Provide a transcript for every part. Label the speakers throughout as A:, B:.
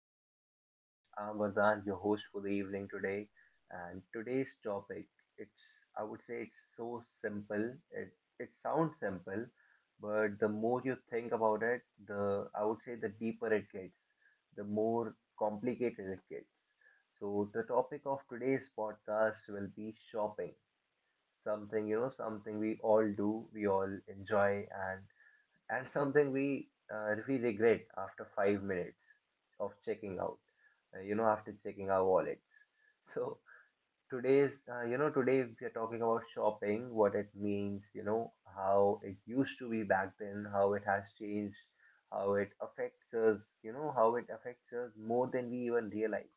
A: to the podcast. I'm Vardhan, your host for the evening today. And today's topic, it's I would say it's so simple. It sounds simple, but the more you think about it, the I would say the deeper it gets, the more complicated it gets. So the topic of today's podcast will be shopping. Something, you know, something we all do, we all enjoy and something we regret after 5 minutes of checking out you know, after checking our wallets. So today's you know, today we are talking about shopping, what it means, you know, how it used to be back then, how it has changed, how it affects us, you know, how it affects us more than we even realize.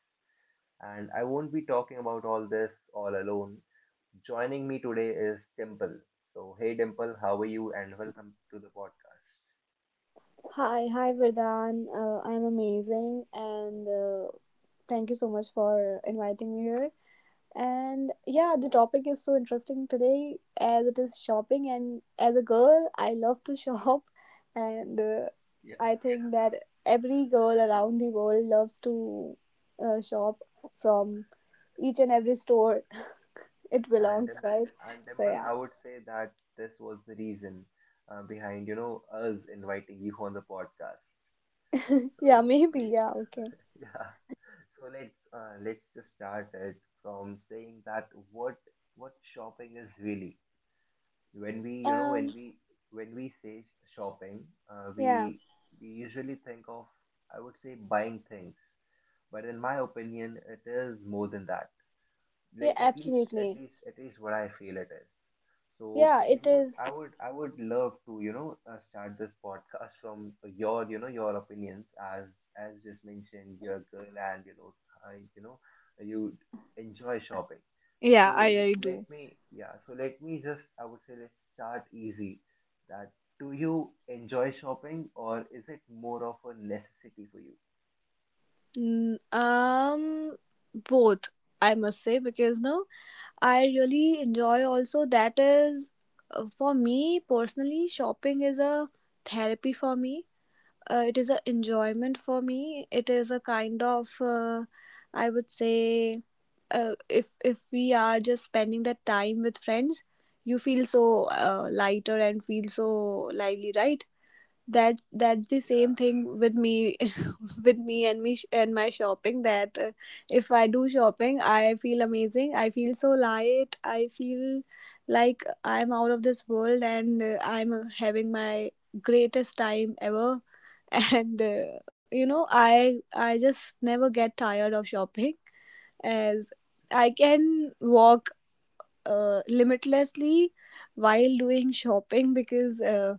A: And I won't be talking about all this all alone. Joining me today is Dimple. So hey Dimple, how are you and welcome to the podcast.
B: Hi, hi Vardhan. I'm amazing and thank you so much for inviting me here. And yeah, the topic is so interesting today as it is shopping. And as a girl, I love to shop. And I think that every girl around the world loves to shop from each and every store. It
A: And
B: belongs,
A: Dimp-
B: right?
A: and
B: So
A: Dimple,
B: yeah,
A: I would say that this was the reason behind, you know, us inviting you on the podcast.
B: yeah,
A: So let
B: maybe, yeah, okay.
A: yeah, so let's just start it from saying that what shopping is really. When we, you know, when
B: Um,
A: we when we say shopping, uh,
B: yeah,
A: we we usually think of, I would say, buying things. But in my opinion, it is more than that.
B: yeah,
A: Like,
B: absolutely.
A: at least what I feel it is. So
B: Yeah,
A: we
B: it
A: would,
B: is.
A: I would, I would love to, you know, start this podcast from your, you know, your opinions as just mentioned, you're a girl and you know, I, you know, you enjoy shopping.
B: Yeah,
A: So
B: I do.
A: let me just, I would say, let's start easy. That do you enjoy shopping or is it more of a necessity for you?
B: Mm, Um, Both I must say, because no, I really enjoy also. That is, for me personally shopping is a therapy for me. It is a enjoyment for me. It is a kind of, I would say, if we are just spending that time with friends, you feel so lighter and feel so lively, right? That the
A: Yeah,
B: same thing with me. With me and my shopping. That if I do shopping, I feel amazing, I feel so light, I feel like I'm out of this world, and I'm, having my greatest time ever. And I just never get tired of shopping, as I
A: yeah,
B: can walk limitlessly while doing shopping, because uh,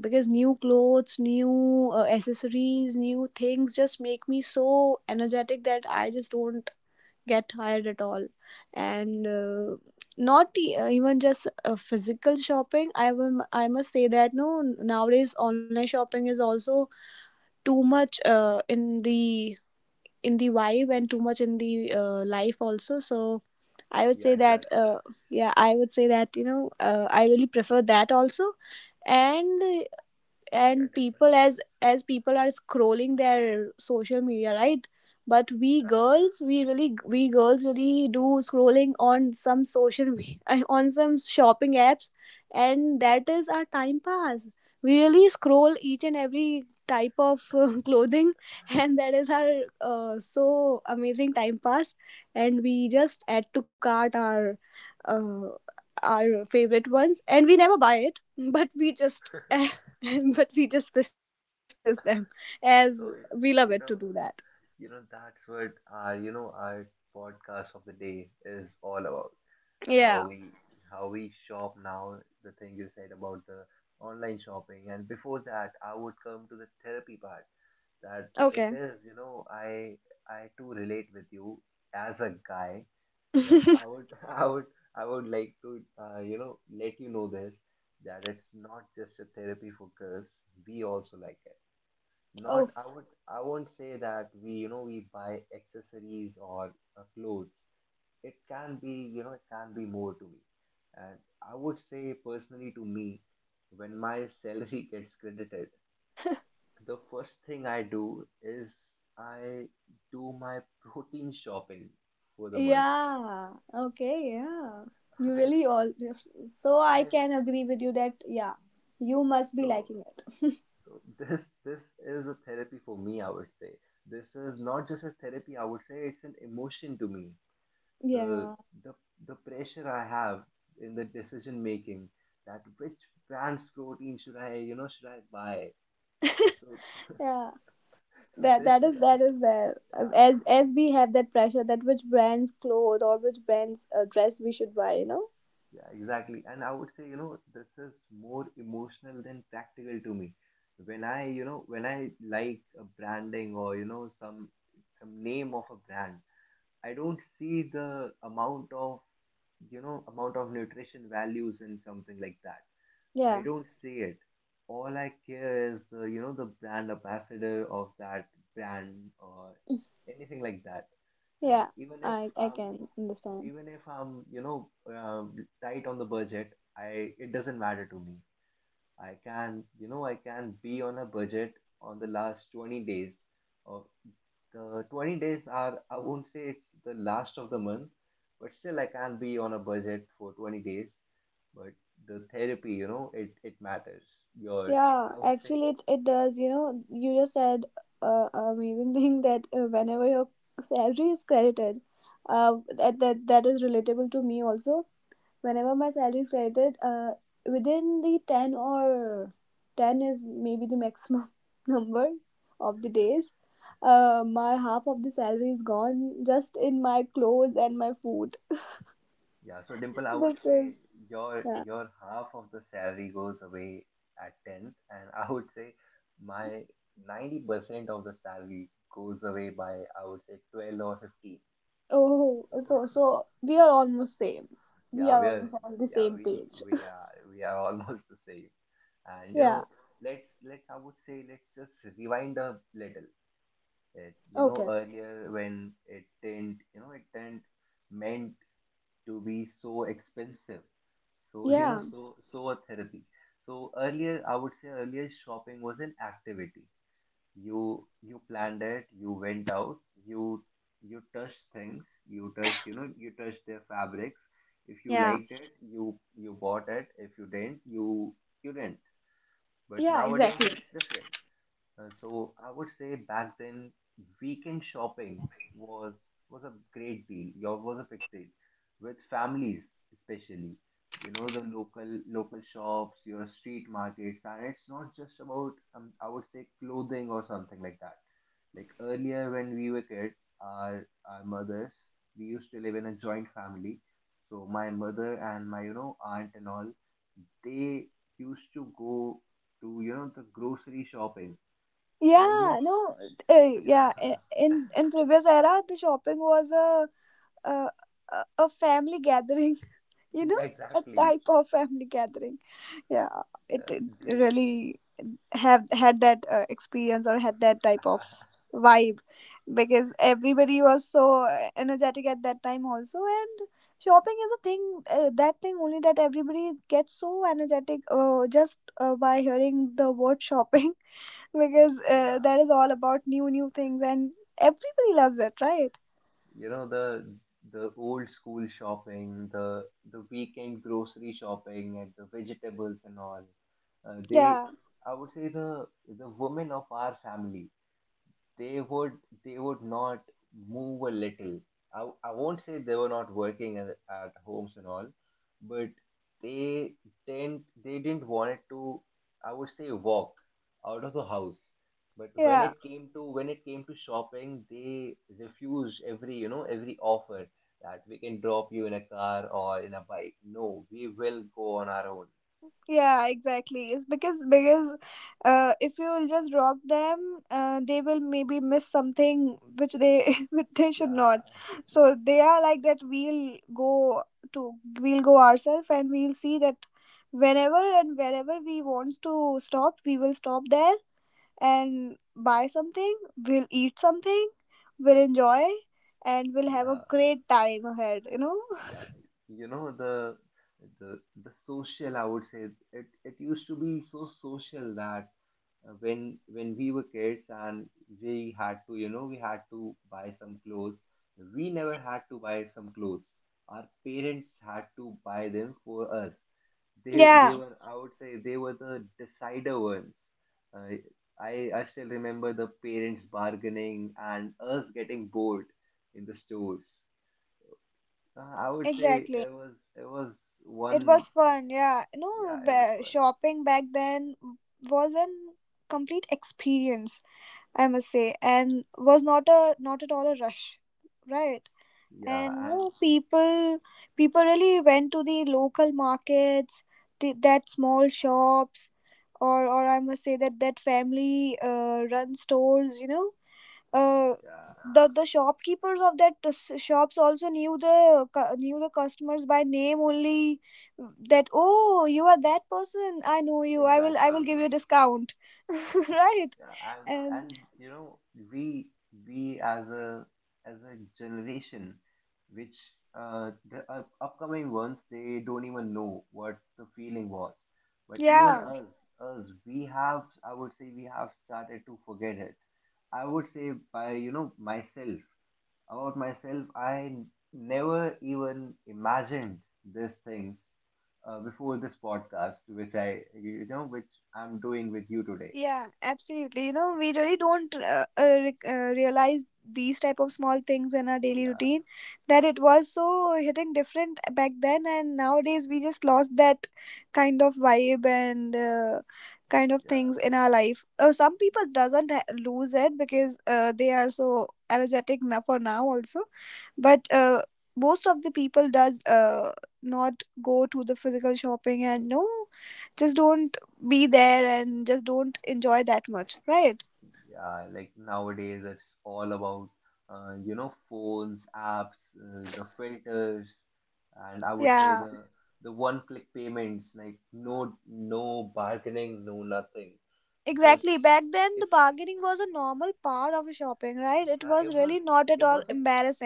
B: because new clothes, new accessories, new things just make me so energetic that I just don't get tired at all. And not even just physical shopping, I must say that, no, nowadays online shopping is also too much, in the vibe, and too much in the, life also. So I would
A: yeah.
B: say that
A: Exactly.
B: yeah, I would say that, I really prefer that also. and
A: Yeah, yeah,
B: and
A: Temple.
B: people, as people are scrolling their social media, right? But we
A: Uh,
B: girls we really we girls really do scrolling on some on some shopping apps, and that is our time pass. We really scroll each and every type of clothing, and that is our, so amazing time pass. And we just add to cart our, uh, our favorite ones, and we never buy it. but we just but we just business them, as we
A: so
B: love it to do
A: you
B: that.
A: know. You know, that's what our, you know, our podcast of the day is all about. How
B: Yeah.
A: we how we shop now, the thing you said about the online shopping. And before that, I would come to the therapy part. That it
B: Okay.
A: is, you know, I too relate with you as a guy that I would I would like to you know, let you know this, that it's not just a therapy for girls. We also like it. Not,
B: Oh.
A: I would, I won't say that we, you know, we buy accessories or clothes. It can be, you know, it can be more to me. And I would say personally to me, when my salary gets credited, the first thing I do is I do my protein shopping for the month.
B: Yeah. Okay. Yeah. You
A: I,
B: really all. So I
A: I,
B: can agree with you that, yeah, you
A: yeah,
B: must be
A: so
B: liking it.
A: This is a therapy for me, I would say. This is not just a therapy, I would say it's an emotion to me. The
B: Yeah.
A: the the pressure I have in the decision making, that which brand's protein should I, you know, should I buy? So
B: Yeah.
A: so
B: That
A: this
B: that
A: is
B: is that is there.
A: yeah,
B: As we have that pressure, that which brands clothes or which brands, dress we should buy. You know.
A: yeah, exactly. And I would say, you know, this is more emotional than practical to me. When I, you know, when I like a branding or, you know, some name of a brand, I don't see the amount of, you know, amount of nutrition values in something like that. I
B: Yeah.
A: don't see it. All I care is the, you know, the brand ambassador of that brand or anything like that. And
B: Yeah.
A: even if
B: I
A: I'm
B: can understand.
A: even if I'm, you know, tight on the budget, I it doesn't matter to me. I can, you know, I can be on a budget on the last 20 days of the 20 days are, I won't say it's the last of the month, but still I can be on a budget for 20 days. But the therapy, you know, it matters. Your,
B: Yeah,
A: I would say,
B: actually, it does. You just said, amazing thing that, whenever your salary is credited, that is relatable to me also. Whenever my salary is credited, within the 10 or 10 is maybe the maximum number of the days, my half of the salary is gone just in my clothes and my food.
A: yeah. So Dimple, I would say
B: Because, yeah.
A: your half of the salary goes away at 10th, and I would say my 90% of the salary goes away by, I would say, 12 or 15.
B: Oh,
A: So
B: so we are almost same. We
A: yeah,
B: are
A: we are,
B: almost on the
A: yeah,
B: same page.
A: we are almost the same. And you
B: Yeah.
A: know, let's I would say let's just rewind a little. It, you know,
B: Okay.
A: earlier when it didn't, you know, it didn't meant to be so expensive. So, you know,
B: Yeah.
A: so a therapy. So earlier, I would say earlier shopping was an activity. You planned it, you went out, you you touched things, you touched, you know, you touched their fabrics. If you
B: Yeah.
A: liked it, you bought it. If you didn't, you didn't. But
B: Yeah,
A: nowadays
B: exactly.
A: it's different. So I would say back then weekend shoppings was was a great deal. Yours was a big deal with families especially. You know, the local shops, your street markets, and it's not just about I would say clothing or something like that. Like earlier when we were kids, our mothers, we used to live in a joint family. So my mother and my, you know, aunt and all, they used to go to, you know, the grocery shopping
B: Yeah,
A: almost.
B: no, uh, yeah. i-
A: Yeah
B: In in previous era, the shopping was a, a family gathering. You
A: yeah
B: know, a
A: exactly.
B: type of family gathering. Yeah,
A: uh,
B: it
A: they
B: really have had that experience, or had that type of vibe, because everybody was so energetic at that time also, and shopping is a thing, that thing only, that everybody gets so energetic, just by hearing the word shopping. Because
A: yeah,
B: that is all about new things, and everybody loves it, right?
A: you know, the old school shopping, the weekend grocery shopping and the vegetables and all. They
B: Yeah,
A: I would say the women of our family, they would, not move a little. I won't say they were not working at homes and all, but they didn't, they didn't want it to, I would say, walk out of the house. But
B: yeah,
A: when it came to shopping, they refused every, you know, every offer that we can drop you in a car or in a bike. No, we will go on our own.
B: yeah, exactly. It's because if you will just drop them, they will maybe miss something which they which they should not.
A: Yeah,
B: So they are like that to we'll go ourselves, and we'll see that whenever and wherever we want to stop, we will stop there and buy something, we'll eat something, we'll enjoy, and we'll have a
A: yeah.
B: great time ahead.
A: Yeah, you know, the the social, I would say, it used to be so social that when we were kids and we had to, you know, we had to buy some clothes, we never had to buy some clothes, our parents had to buy them for us. They
B: Yeah,
A: were, I would say, they were the decider ones. uh, I still remember the parents bargaining and us getting bored in the stores. I would say
B: exactly.
A: it was
B: It
A: one.
B: was fun, yeah. No,
A: Yeah, it was fun.
B: shopping back then was an complete experience, I must say, and was not at all a rush, right?
A: Yeah
B: And
A: and
B: no, people really went to the local markets, the, that small shops, or I must say that family, run storesuh,
A: yeah
B: the shopkeepers of that shops also knew knew the customers by name only, that, oh, you are that person, I know you, I will give you
A: exactly.
B: a discount. Right,
A: Yeah
B: and
A: and you know, we we as a as a generation which, the upcoming ones, they don't even know what the feeling was. But even
B: yeah.
A: us, us, we have, I would say, we have started to forget it. I would say by, you know, myself, about myself, I never even imagined these things before this podcast, which I, you know, which I'm doing with you today.
B: Yeah, absolutely. We really don't realize these type of small things in our daily
A: Yeah,
B: routine, that it was so hitting different back then, and nowadays we just lost that kind of vibe, and, kind of
A: yeah,
B: things in our life. Some people doesn't lose it, because, they are so energetic now, for now also, but, most of the people does not go to the physical shopping, and no, just don't be there, and just don't enjoy that much, right?
A: yeah. Like nowadays, it's all about, you know, phones, apps, the filters, and I would say
B: Yeah,
A: the one-click payments. Like no, no bargaining, no nothing. Just
B: exactly. Back then,
A: if
B: the bargaining was a normal part of shopping, right? It
A: yeah,
B: was really not at
A: it
B: all
A: was a,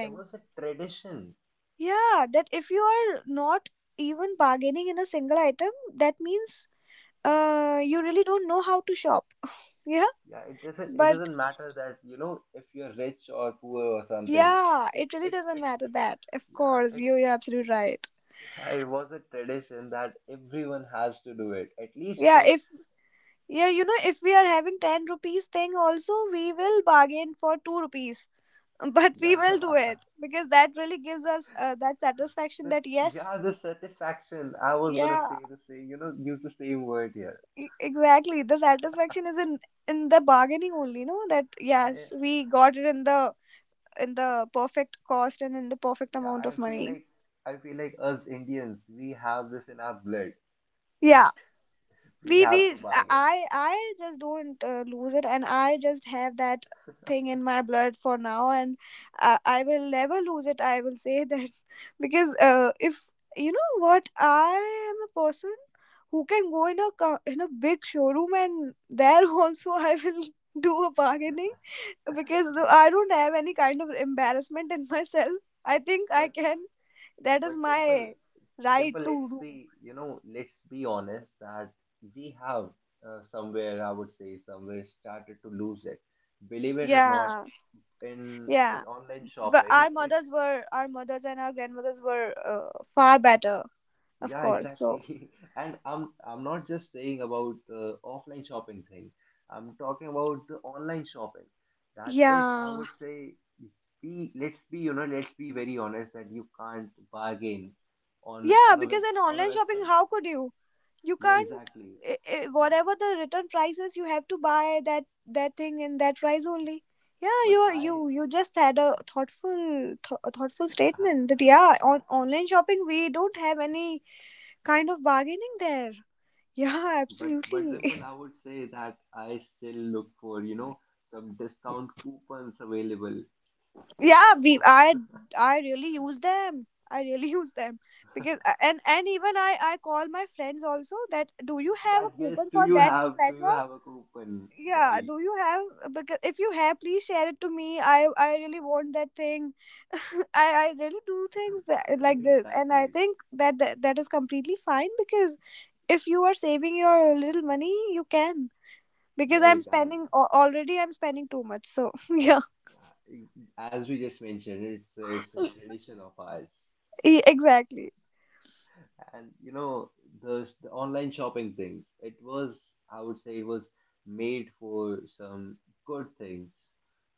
A: it was a tradition.
B: Yeah, that if you are not even bargaining in a single item, that means, you really don't know how to shop. Yeah,
A: Yeah, it doesn't, it
B: but
A: doesn't matter that, you know, if you're rich or poor or something.
B: yeah, it really doesn't
A: It
B: matter that. Of
A: yeah
B: course, you're absolutely right.
A: it it was a tradition that everyone has to do it at least,
B: Yeah,
A: like
B: if yeah, you know, if we are having 10 rupees thing also, we will bargain for 2 rupees. But we
A: yeah
B: will do it, because that really gives us, that satisfaction,
A: this
B: that
A: yeah
B: yes,
A: this satisfaction, I was gonna
B: yeah,
A: say the same, you know, use the same word here.
B: exactly. The satisfaction is in the bargaining only, no, that
A: I
B: yes, we got it in the perfect cost, and in the perfect
A: yeah,
B: amount
A: I
B: of
A: feel
B: money.
A: like, us Indians we have this in our blood, that
B: Yeah,
A: we
B: we
A: have to bargain.
B: I just don't, lose it, and I just have that thing in my blood for now, and I will never lose it, I will say that. Because if you know what, I am a person who can go in a big showroom, and there, also I will do a bargaining. Because
A: but
B: I don't have any kind of embarrassment in myself, I think I
A: but
B: can. That is
A: but temple
B: my right
A: Dimple,
B: to
A: let's
B: do.
A: be, you know, let's be honest that we have, somewhere, I would say, somewhere started to lose it. Believe it or not,
B: Yeah,
A: in
B: yeah.
A: online
B: But
A: shopping, it
B: our mothers, and our grandmothers were, far better. Of
A: yeah,
B: course, so
A: exactly. And I'm not just saying about the offline shopping thing. I'm talking about the online shopping. That it, I
B: yeah,
A: would say, be let's be, you know, let's be very honest that you can't bargain on,
B: yeah, because in
A: a
B: online shopping,
A: website.
B: how could you? You
A: Yeah,
B: can't.
A: exactly.
B: I
A: And
B: whatever the return price is, you have to buy that thing in that price only. Yeah,
A: but
B: you
A: I
B: you just had a thoughtful statement, that yeah,
A: Uh,
B: on online shopping we don't have any kind of bargaining there. Yeah,
A: But but
B: absolutely.
A: simple, I would say that I still look for, you know, some discount coupons available
B: Yeah, we
A: for
B: I really use them, I really use them, because, and even I call my friends also, that do you have a
A: that. Yes,
B: coupon
A: do
B: for
A: you
B: that
A: have,
B: platform?
A: a coupon?
B: Yeah,
A: Right.
B: do you have? Because if you have, please share it to me, I really want that thing. I really do things that, like this, and I
A: Exactly.
B: think that, that is completely fine, because if you are saving your little money, you can, because
A: Yeah,
B: I'm
A: you can.
B: spending already, I'm spending too much, so. yeah
A: Yeah. e, As we just mentioned, it's a tradition of ours.
B: Exactly.
A: And you know, the online shopping things, it was, I would say, it was made for some good things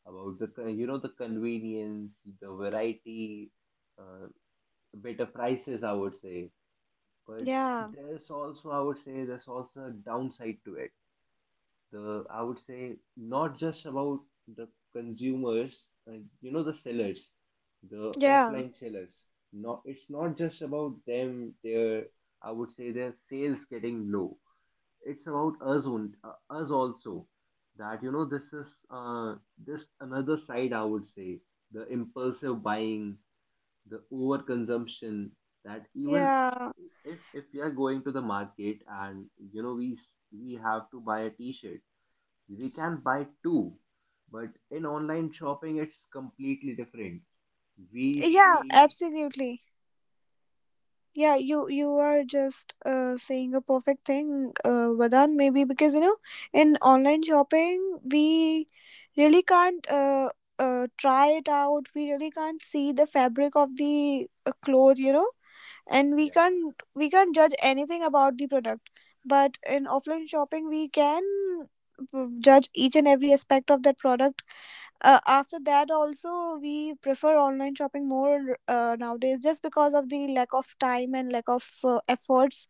A: about the, you know, the convenience, the variety, uh, better prices, I would say. But
B: Yeah.
A: there's also, I would say, there's also a downside to it. The I would say not just about the consumers, uh, you know, the sellers, the
B: Yeah,
A: offline sellers. Not, it's not just about them. Their I would say their sales getting low. It's about us on us also. That, this is this another side, I would say, the impulsive buying, the overconsumption. That, even
B: yeah,
A: if we are going to the market, and you know we we have to buy a T-shirt, we can buy two. But in online shopping it's completely different. We
B: yeah,
A: see,
B: absolutely. Yeah, you are just saying a perfect thing, Vadan, maybe because in online shopping we really can't try it out. We really can't see the fabric of the, cloth, and we
A: yeah.
B: can't we can't judge anything about the product. But in offline shopping, we can, judge each and every aspect of that product. After that also, we prefer online shopping more, nowadays, just because of the lack of time and lack of, efforts,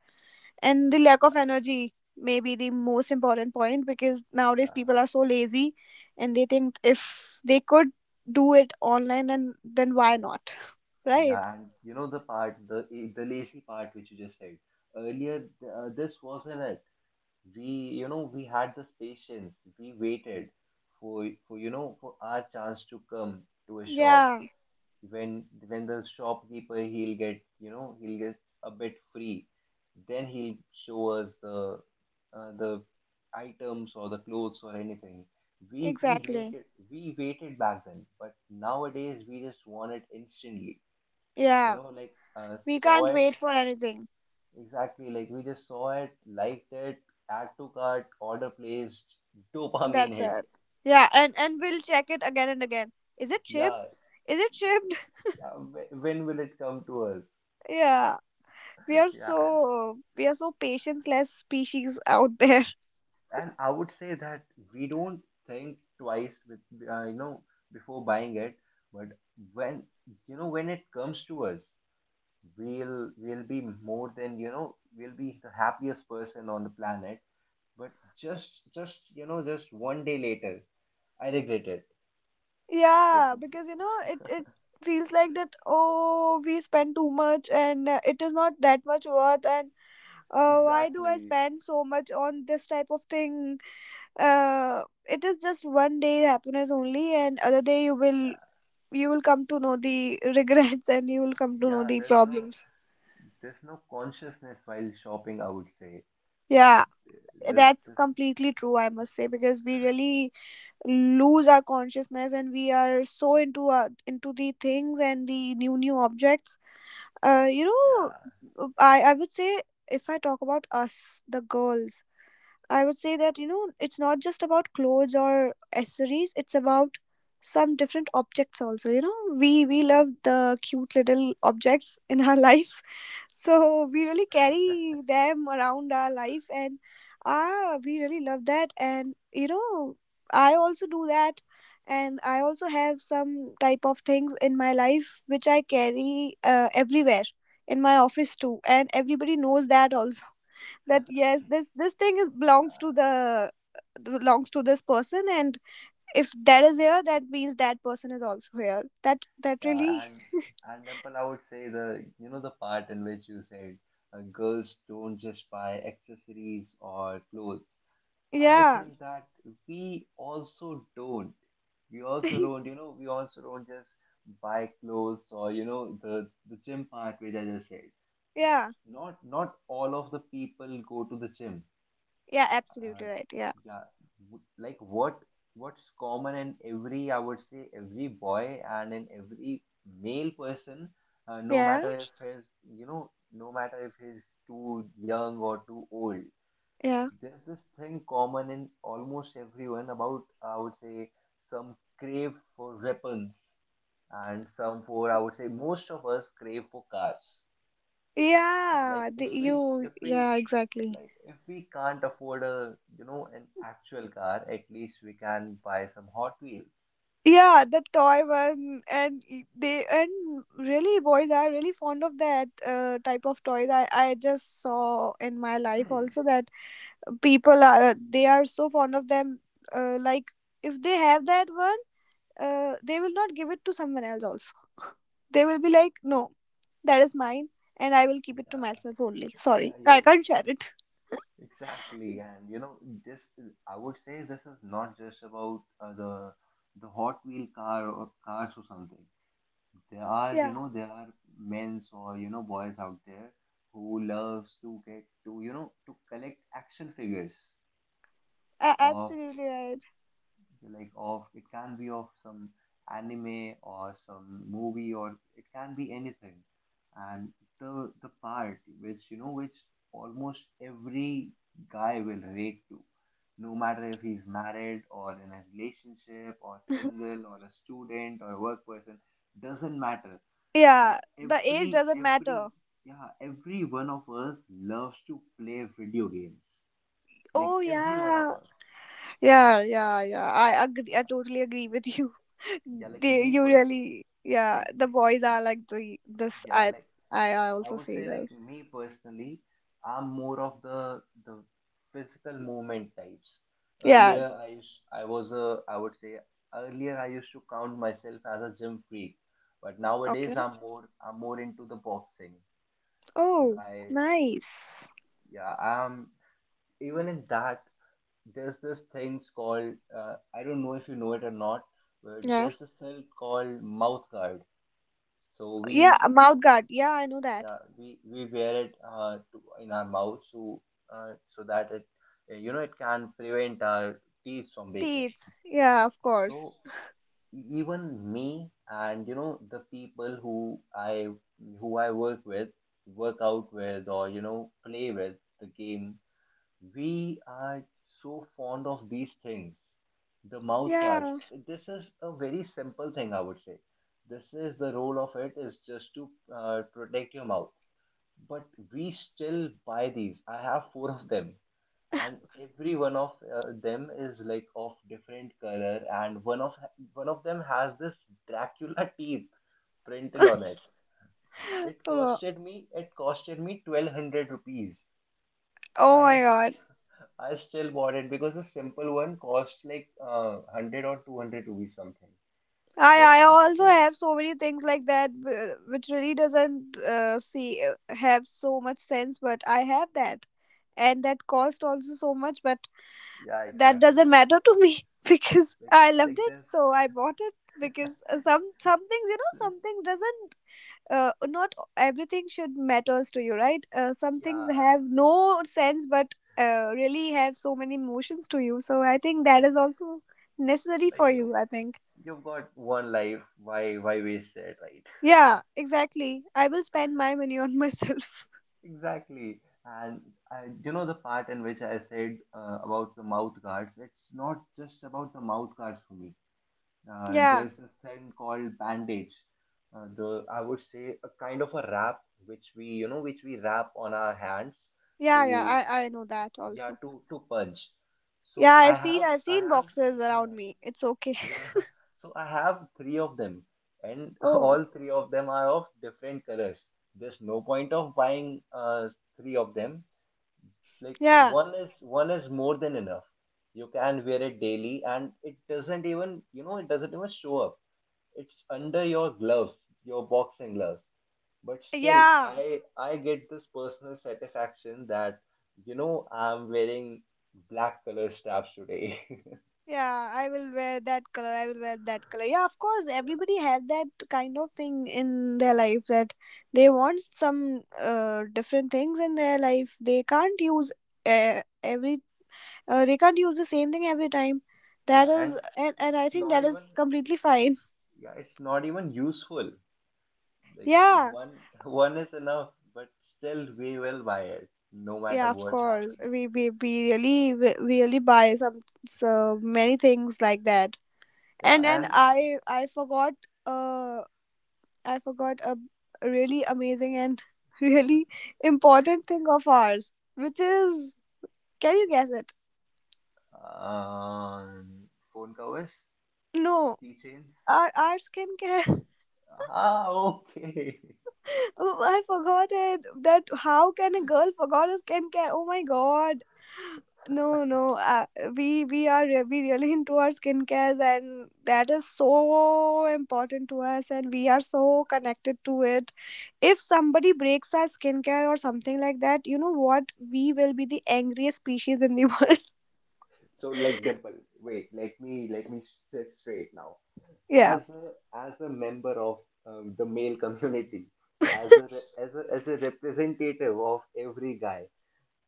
B: and the lack of energy may be the most important point, because nowadays people
A: Yeah,
B: are so lazy, and they think if they could do it online, then why not? Right.
A: yeah, and you know the part, the lazy part which you just said earlier, this wasn't it. We, you know, we had this patience. We waited for you know for our chance to come to a shop.
B: Yeah,
A: When the shopkeeper, he'll get, you know, he'll get a bit free, then he'll show us the, the items or the clothes or anything. We
B: exactly.
A: waited. We waited back then, but nowadays we just want it instantly. You
B: Yeah,
A: know, like,
B: we
A: saw
B: can't
A: it.
B: wait for anything.
A: Exactly, like we just saw it, liked it, add to cart, order placed. Dopamine
B: That's
A: hit.
B: it. Yeah, and we'll check it again and again. Is it shipped?
A: Yeah.
B: Is it shipped?
A: Yeah, when will it come to us?
B: Yeah. We are
A: Yeah,
B: so we are so patience-less species out there.
A: and I would say that we don't think twice with, you know, before buying it. But when, you know, when it comes to us, we'll be more than, you know, we'll be the happiest person on the planet. But just you know just one day later, I regret it. That,
B: Yeah, because it feels like that, oh, we spend too much, and, it is not that much worth, and, why do I
A: exactly.
B: spend so much on this type of thing? It is just one day happiness only, and other day you will
A: Yeah.
B: you will come to know the regrets, and you will come to know
A: Yeah,
B: the
A: there's no,
B: problems.
A: there's no consciousness while shopping, I would say.
B: Yeah.
A: There's
B: That's
A: this,
B: completely true, I must say, because we really lose our consciousness and we are so into into the things and the new objects. uh you know
A: yeah.
B: i i would say, if I talk about us, the girls, I would say that, you know, it's not just about clothes or accessories, it's about some different objects also, you know. We love the cute little objects in our life. So we really carry them around our life, and we really love that, and you know, I also do that, and I also have some type of things in my life which I carry everywhere, in my office too, and everybody knows that also, that yes, this thing is belongs to
A: Yeah.
B: the belongs to this person. And if that is here, that means that person is also here. That
A: Yeah,
B: really.
A: and Temple, I would say the, you know, the part in which you said, girls don't just buy accessories or clothes. I
B: Yeah.
A: think that we also don't. We also don't. You know, we also don't just buy clothes, or, you know, the gym part which I just said.
B: Yeah,
A: Not, not all of the people go to the gym.
B: yeah,
A: uh,
B: absolutely right, yeah.
A: yeah, like what, what's common in every, I would say, every boy and in every male person, no
B: Yeah,
A: matter if he's, you know, no matter if he's too young or too old,
B: yeah,
A: there's this thing common in almost everyone about, I would say, some crave for weapons, and some for, I would say, most of us crave for cars. Like
B: yeah, the,
A: if we
B: you
A: if we
B: yeah, exactly.
A: like if we can't afford a, you know, an actual car, at least we can buy some Hot Wheels.
B: Yeah, the toy one, and y- they and really boys are really fond of that type of toys. I just saw in my life also that people are they are so fond of them. Like, if they have that one, they will not give it to someone else also. They will be like, no, that is mine, and I will keep it to
A: Yeah.
B: myself only.
A: Yeah, yeah,
B: Sorry, I
A: yes,
B: can't share
A: yes.
B: it.
A: Exactly. And you know this, I would say this is not just about, the the hot Wheel car or cars or something. There are, you
B: Yeah,
A: know, there are men's, or, you know, boys out there who loves to get to, you know, to collect action figures
B: a-
A: of,
B: absolutely right.
A: like, of, it can be of some anime or some movie, or it can be anything. And the part which, you know, which almost every guy will relate to, no matter if he's married or in a relationship or single or a student or a work person, doesn't matter. That
B: Yeah, the age
A: every
B: doesn't
A: every
B: matter.
A: yeah, every one of us loves to play video games, like
B: Oh
A: every one of
B: yeah,
A: us.
B: yeah, yeah, yeah, I agree, I
A: Yeah.
B: totally agree with you.
A: Yeah, like
B: they
A: me,
B: you
A: pers
B: really yeah,
A: like
B: the boys are like the this
A: yeah
B: I
A: like,
B: I
A: I
B: also
A: would
B: see
A: say, like
B: this.
A: me personally, I'm more of the physical movement types.
B: Yeah.
A: Earlier I used, I was a, I would say, earlier I used to count myself as a gym freak, but nowadays
B: Okay.
A: I'm more, I'm more into the boxing.
B: Oh,
A: I,
B: nice.
A: yeah, I'm even in that. There's this things called, I don't know if you know it or not, but
B: Yeah.
A: there's this thing called mouth guard. So we,
B: Yeah, a mouth guard. Yeah, I know that.
A: yeah, we wear it, to, in our mouth, so so that it, you know, it can prevent our teeth from baking.
B: Teeth. Yeah, of course.
A: So even me, and, you know, the people who I, who I work with, work out with, or, you know, play with the game, we are so fond of these things, the mouth guards.
B: Yeah.
A: This is a very simple thing, I would say. This is, the role of it is just to, protect your mouth. But we still buy these. I have four of them, and every one of, them is like of different color, and one of, one of them has this Dracula teeth printed on it. It
B: Oh,
A: costed me. It costed me 1,200 rupees.
B: oh
A: I
B: my god.
A: I still bought it because the simple one cost like, 100 or 200 rupees, something. But
B: I
A: I
B: also
A: still,
B: have so many things like that, which really doesn't see have so much sense, but I have that, and that cost also so much. But
A: yeah,
B: that doesn't
A: exactly.
B: matter to me because
A: Like
B: I loved
A: like
B: it,
A: this,
B: so I bought it, because some things you know
A: this,
B: some things doesn't not everything should matters to you, right? Some things
A: yeah,
B: have no sense, but really have so many emotions to you, so I think that
A: like
B: is also necessary
A: like
B: for
A: you.
B: you, I think.
A: You've got one life, why waste it, right?
B: Yeah, exactly, I will spend my money on myself.
A: Exactly. And I, you know, the part in which I said, about the mouth guards, it's not just about the mouth guards for me.
B: Yeah,
A: There's this thing called bandage, the I would say a kind of a wrap which we, you know, which we wrap on our hands
B: yeah, yeah,
A: to,
B: I know that
A: yeah,
B: also.
A: to punch. So
B: Yeah,
A: i
B: I've seen,
A: have
B: I've
A: i
B: seen
A: have
B: boxes around
A: yeah.
B: me, it's okay.
A: Yeah, so I have three of them, and
B: Oh
A: all three of them are of different colors. There's no point of buying, three of them. Like
B: yeah,
A: one is more than enough. You can wear it daily, and it doesn't even, you know, it doesn't even show up. It's under your gloves, your boxing gloves. But still,
B: yeah.
A: I get this personal satisfaction that, you know, I'm wearing black color straps today.
B: Yeah, I will wear that color. I will wear that color. Yeah, of course, everybody has that kind of thing in their life, that they want some different things in their life. They can't use every they can't use the same thing every time. That
A: Yeah,
B: is,
A: and
B: and
A: it's
B: I think
A: not
B: that
A: even,
B: is completely fine.
A: yeah, it's not even useful. Like
B: Yeah.
A: one one is enough, but still we will buy it, no
B: Yeah,
A: matter
B: of
A: what
B: course.
A: happens.
B: We really, we really buy some, so many things like that.
A: Yeah,
B: And then
A: and,
B: I forgot, uh I forgot a really amazing and really important thing of ours, which is, can you guess it?
A: um, phone covers,
B: No,
A: keychains,
B: our skincare.
A: ah, okay.
B: Oh, I forgot it. That how can a girl forgot her skincare? Oh my god. No, no. We really into our skincare, and that is so important to us, and we are so connected to it. If somebody breaks our skincare or something like that, you know what? We will be the angriest species in the world.
A: So, like, Dimple, wait, let me sit straight now.
B: Yeah.
A: As a, as a member of, the male community, as a, as a, as a representative of every guy,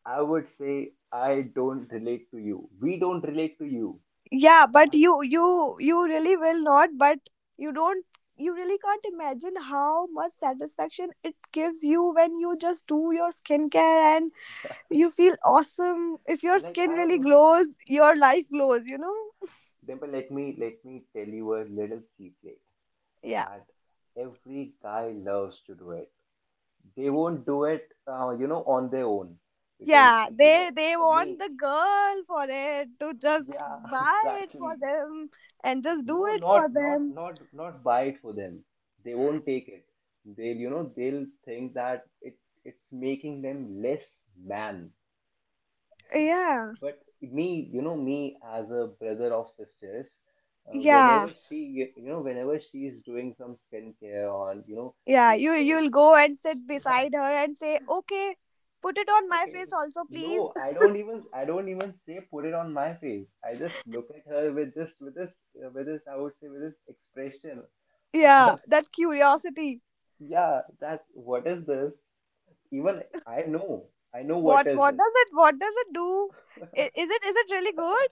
A: I would say, I don't relate to you. We don't relate to you.
B: Yeah, but
A: That,
B: you really will not. But you don't, you really can't imagine how much satisfaction it gives you when you just do your skincare, and you feel awesome. If your
A: like,
B: skin
A: I've,
B: really glows, your life glows, you know.
A: Dimple, let me tell you a little secret,
B: Yeah.
A: that every guy loves to do it. They won't do it, you know, on their own, because,
B: Yeah,
A: you know,
B: they want
A: me.
B: the girl for it, to just
A: Yeah,
B: buy it for
A: exactly.
B: them and just do
A: No,
B: it for
A: not not
B: them.
A: not not buy it for them. They won't take it. They'll, you know, they'll think that it, it's making them less man.
B: Yeah.
A: But me, you know, me as a brother of sisters,
B: Yeah,
A: whenever she, you know, whenever she is doing some skincare on, you know,
B: Yeah,
A: she's
B: you
A: putting,
B: you'll go
A: she,
B: and sit
A: yeah,
B: beside her and say, "Okay, put it on my
A: okay.
B: face also,
A: No,
B: please."
A: I don't even, I don't even say put it on my face, I just look at her with this, with this, with this, I would say, with this expression.
B: Yeah, that curiosity.
A: Yeah, that, what is this. Even I know, I know what
B: What
A: is this.
B: what does it do? I- Is it, is it really good?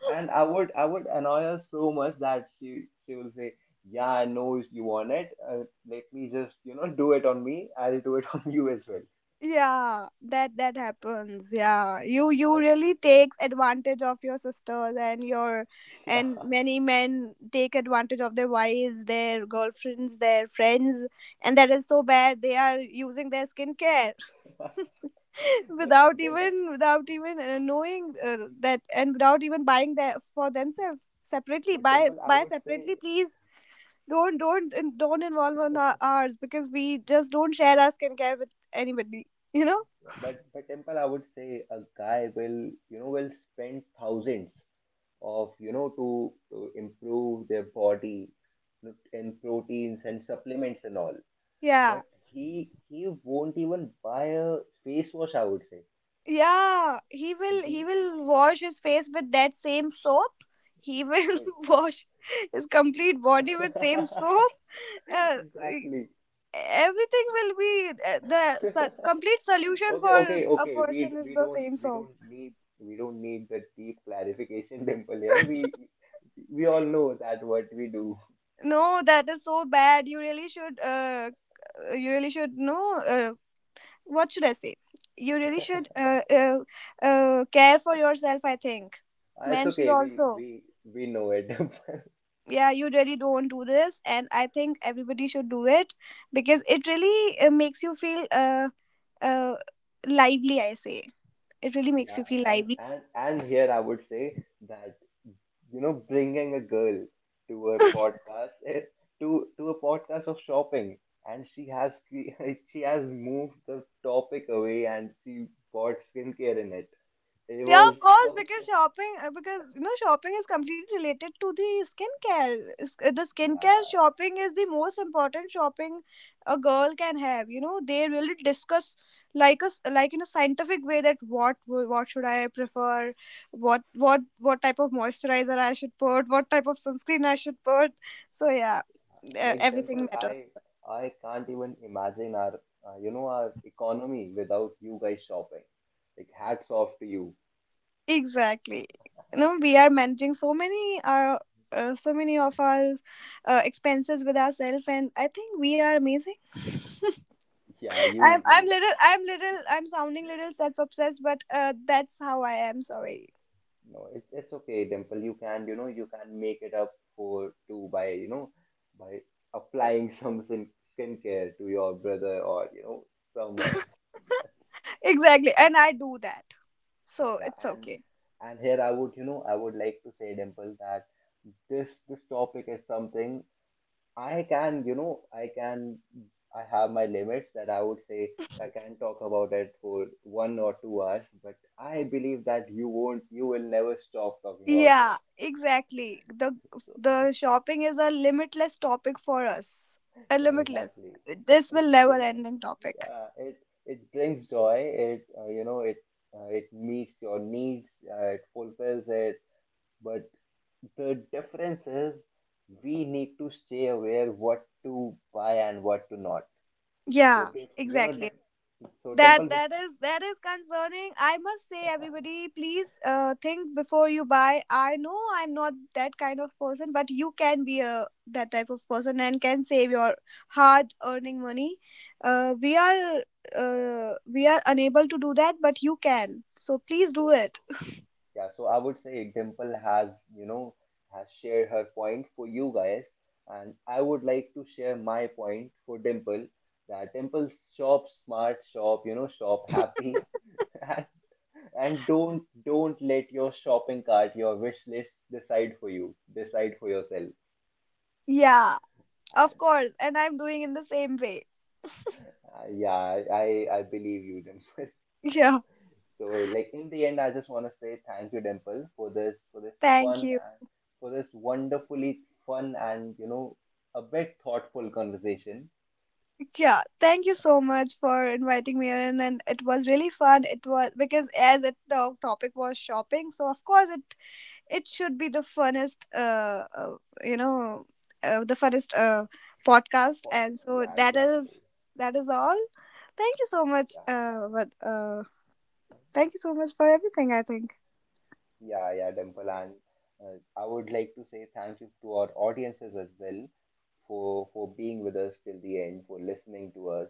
A: And I would, I would annoy her so much that she will say, "Yeah, I know you want it. Let me just, you know, do it on me. I'll do it on you as well."
B: Yeah, that that happens. Yeah, you
A: But
B: really takes advantage of your sisters and your,
A: yeah,
B: and many men take advantage of their wives, their girlfriends, their friends, and that is so bad. They are using their skincare.
A: but temple,
B: Without even knowing that, and without even buying that for themselves. Separately
A: but temple, I
B: buy
A: would
B: separately,
A: say,
B: please. Don't involve on ours, because we just don't share our skincare with anybody, you know.
A: but Temple, I would say a guy will, you know, will spend thousands of, you know, to improve their body in proteins and supplements and all.
B: Yeah.
A: But he won't even buy a face wash. I would say
B: Yeah, he
A: we,
B: will wash his face with that same soap. He will
A: wait.
B: wash his complete body with same soap. Uh, e,
A: Exactly.
B: Everything will be complete solution
A: Okay,
B: for
A: okay,
B: a
A: okay. We
B: person is
A: we
B: the
A: don't,
B: same
A: we
B: soap.
A: don't need, we don't need the deep clarification, Dimple. Yeah, we all know that what we do.
B: No, that is so bad. You really should, you really should know what should I say? You really should care for yourself, I think.
A: It's
B: Men should
A: okay. We
B: also.
A: we we know it.
B: Yeah, you really don't do this, and I think everybody should do it, because it really makes you feel uh lively, I say. It really makes
A: Yeah,
B: you feel lively.
A: and here I would say that, you know, bringing a girl to a podcast, eh, to a podcast of shopping, and she has she has moved the topic away, and she bought skincare in it. It
B: Yeah,
A: was,
B: of
A: I
B: course,
A: would
B: because
A: say,
B: shopping, because you know, shopping is completely related to the skincare. The skincare
A: yeah,
B: shopping is the most important shopping a girl can have. You know, they really discuss, like us, like in a scientific way, that what should I prefer, what type of moisturizer I should put, what type of sunscreen I should put. So yeah,
A: like,
B: everything
A: Dimple,
B: matters.
A: I can't even imagine our, you know, our economy without you guys shopping. Like, hats off to you.
B: Exactly. No, we are managing so many our, so many of our expenses with ourselves, and I think we are amazing.
A: Yeah,
B: i'm
A: you
B: i'm
A: you
B: little i'm little i'm sounding little self obsessed, but that's how I am, sorry.
A: no, it's okay, Dimple. You can, you know, you can make it up for to by, you know, by applying some skin, skincare to your brother, or, you know, someone.
B: Exactly, and I do that, so
A: Yeah,
B: it's okay.
A: and here I would, you know, I would like to say, Dimple, that this topic is something I can, you know, I can, I have my limits, that I would say, I can talk about it for 1 or 2 hours, but I believe that you won't, you will never stop talking about
B: Yeah,
A: this.
B: exactly.
A: So,
B: The shopping is a limitless topic for us. A
A: yeah,
B: limitless.
A: exactly.
B: This
A: It,
B: will never
A: you know,
B: ending topic.
A: yeah, it brings joy. It, you know, it, it meets your needs, it fulfills it. But the difference is, we need to stay aware what to buy and what to not.
B: Yeah,
A: So, you know,
B: exactly.
A: so,
B: That
A: Temple.
B: that is, that is concerning. I must say, everybody, please think before you buy. I know I'm not that kind of person, but you can be a that type of person and can save your hard earning money. Uh, we are we are unable to do that, but you can. So please do
A: So
B: it.
A: yeah, so I would say Dimple has, you know, has shared her point for you guys, and I would like to share my point for Dimple, that, Dimple, shop smart, shop, you know, shop happy, and and don't let your shopping cart, your wish list, decide for you. Decide for yourself.
B: Yeah. Of
A: And
B: course, and I'm doing in the same way.
A: yeah, I believe you, Dimple.
B: Yeah,
A: So, like, in the end, I just want to say thank you, Dimple, for this, for this fun,
B: thank you.
A: and for this wonderfully fun, and, you know, a bit thoughtful conversation.
B: Yeah, thank you so much for inviting me in, and it was really fun. It was, because as it, the topic was shopping, so of course it, it should be the funnest, you know, the funnest podcast,
A: But,
B: and so
A: yeah,
B: that
A: exactly.
B: is, that is all. Thank you so much.
A: Yeah,
B: But Thank you so much for everything, I think.
A: yeah, yeah, Dimple, and I would like to say thank you to our audiences as well, for being with us till the end, for listening to us,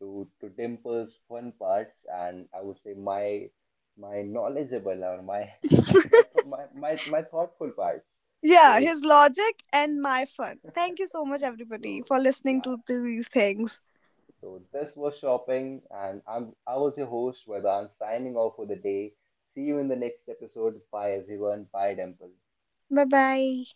A: to Dimple's fun parts, and I would say my, my knowledgeable, or my my th- my thoughtful parts.
B: Yeah,
A: So.
B: his logic and my fun. Thank you so much, everybody,
A: So
B: for listening
A: yeah,
B: to these things.
A: so this was shopping, and I'm, I was your host, Vedan, signing off for the day. See you in the next episode. Bye everyone. Bye, Dimple.
B: Bye bye.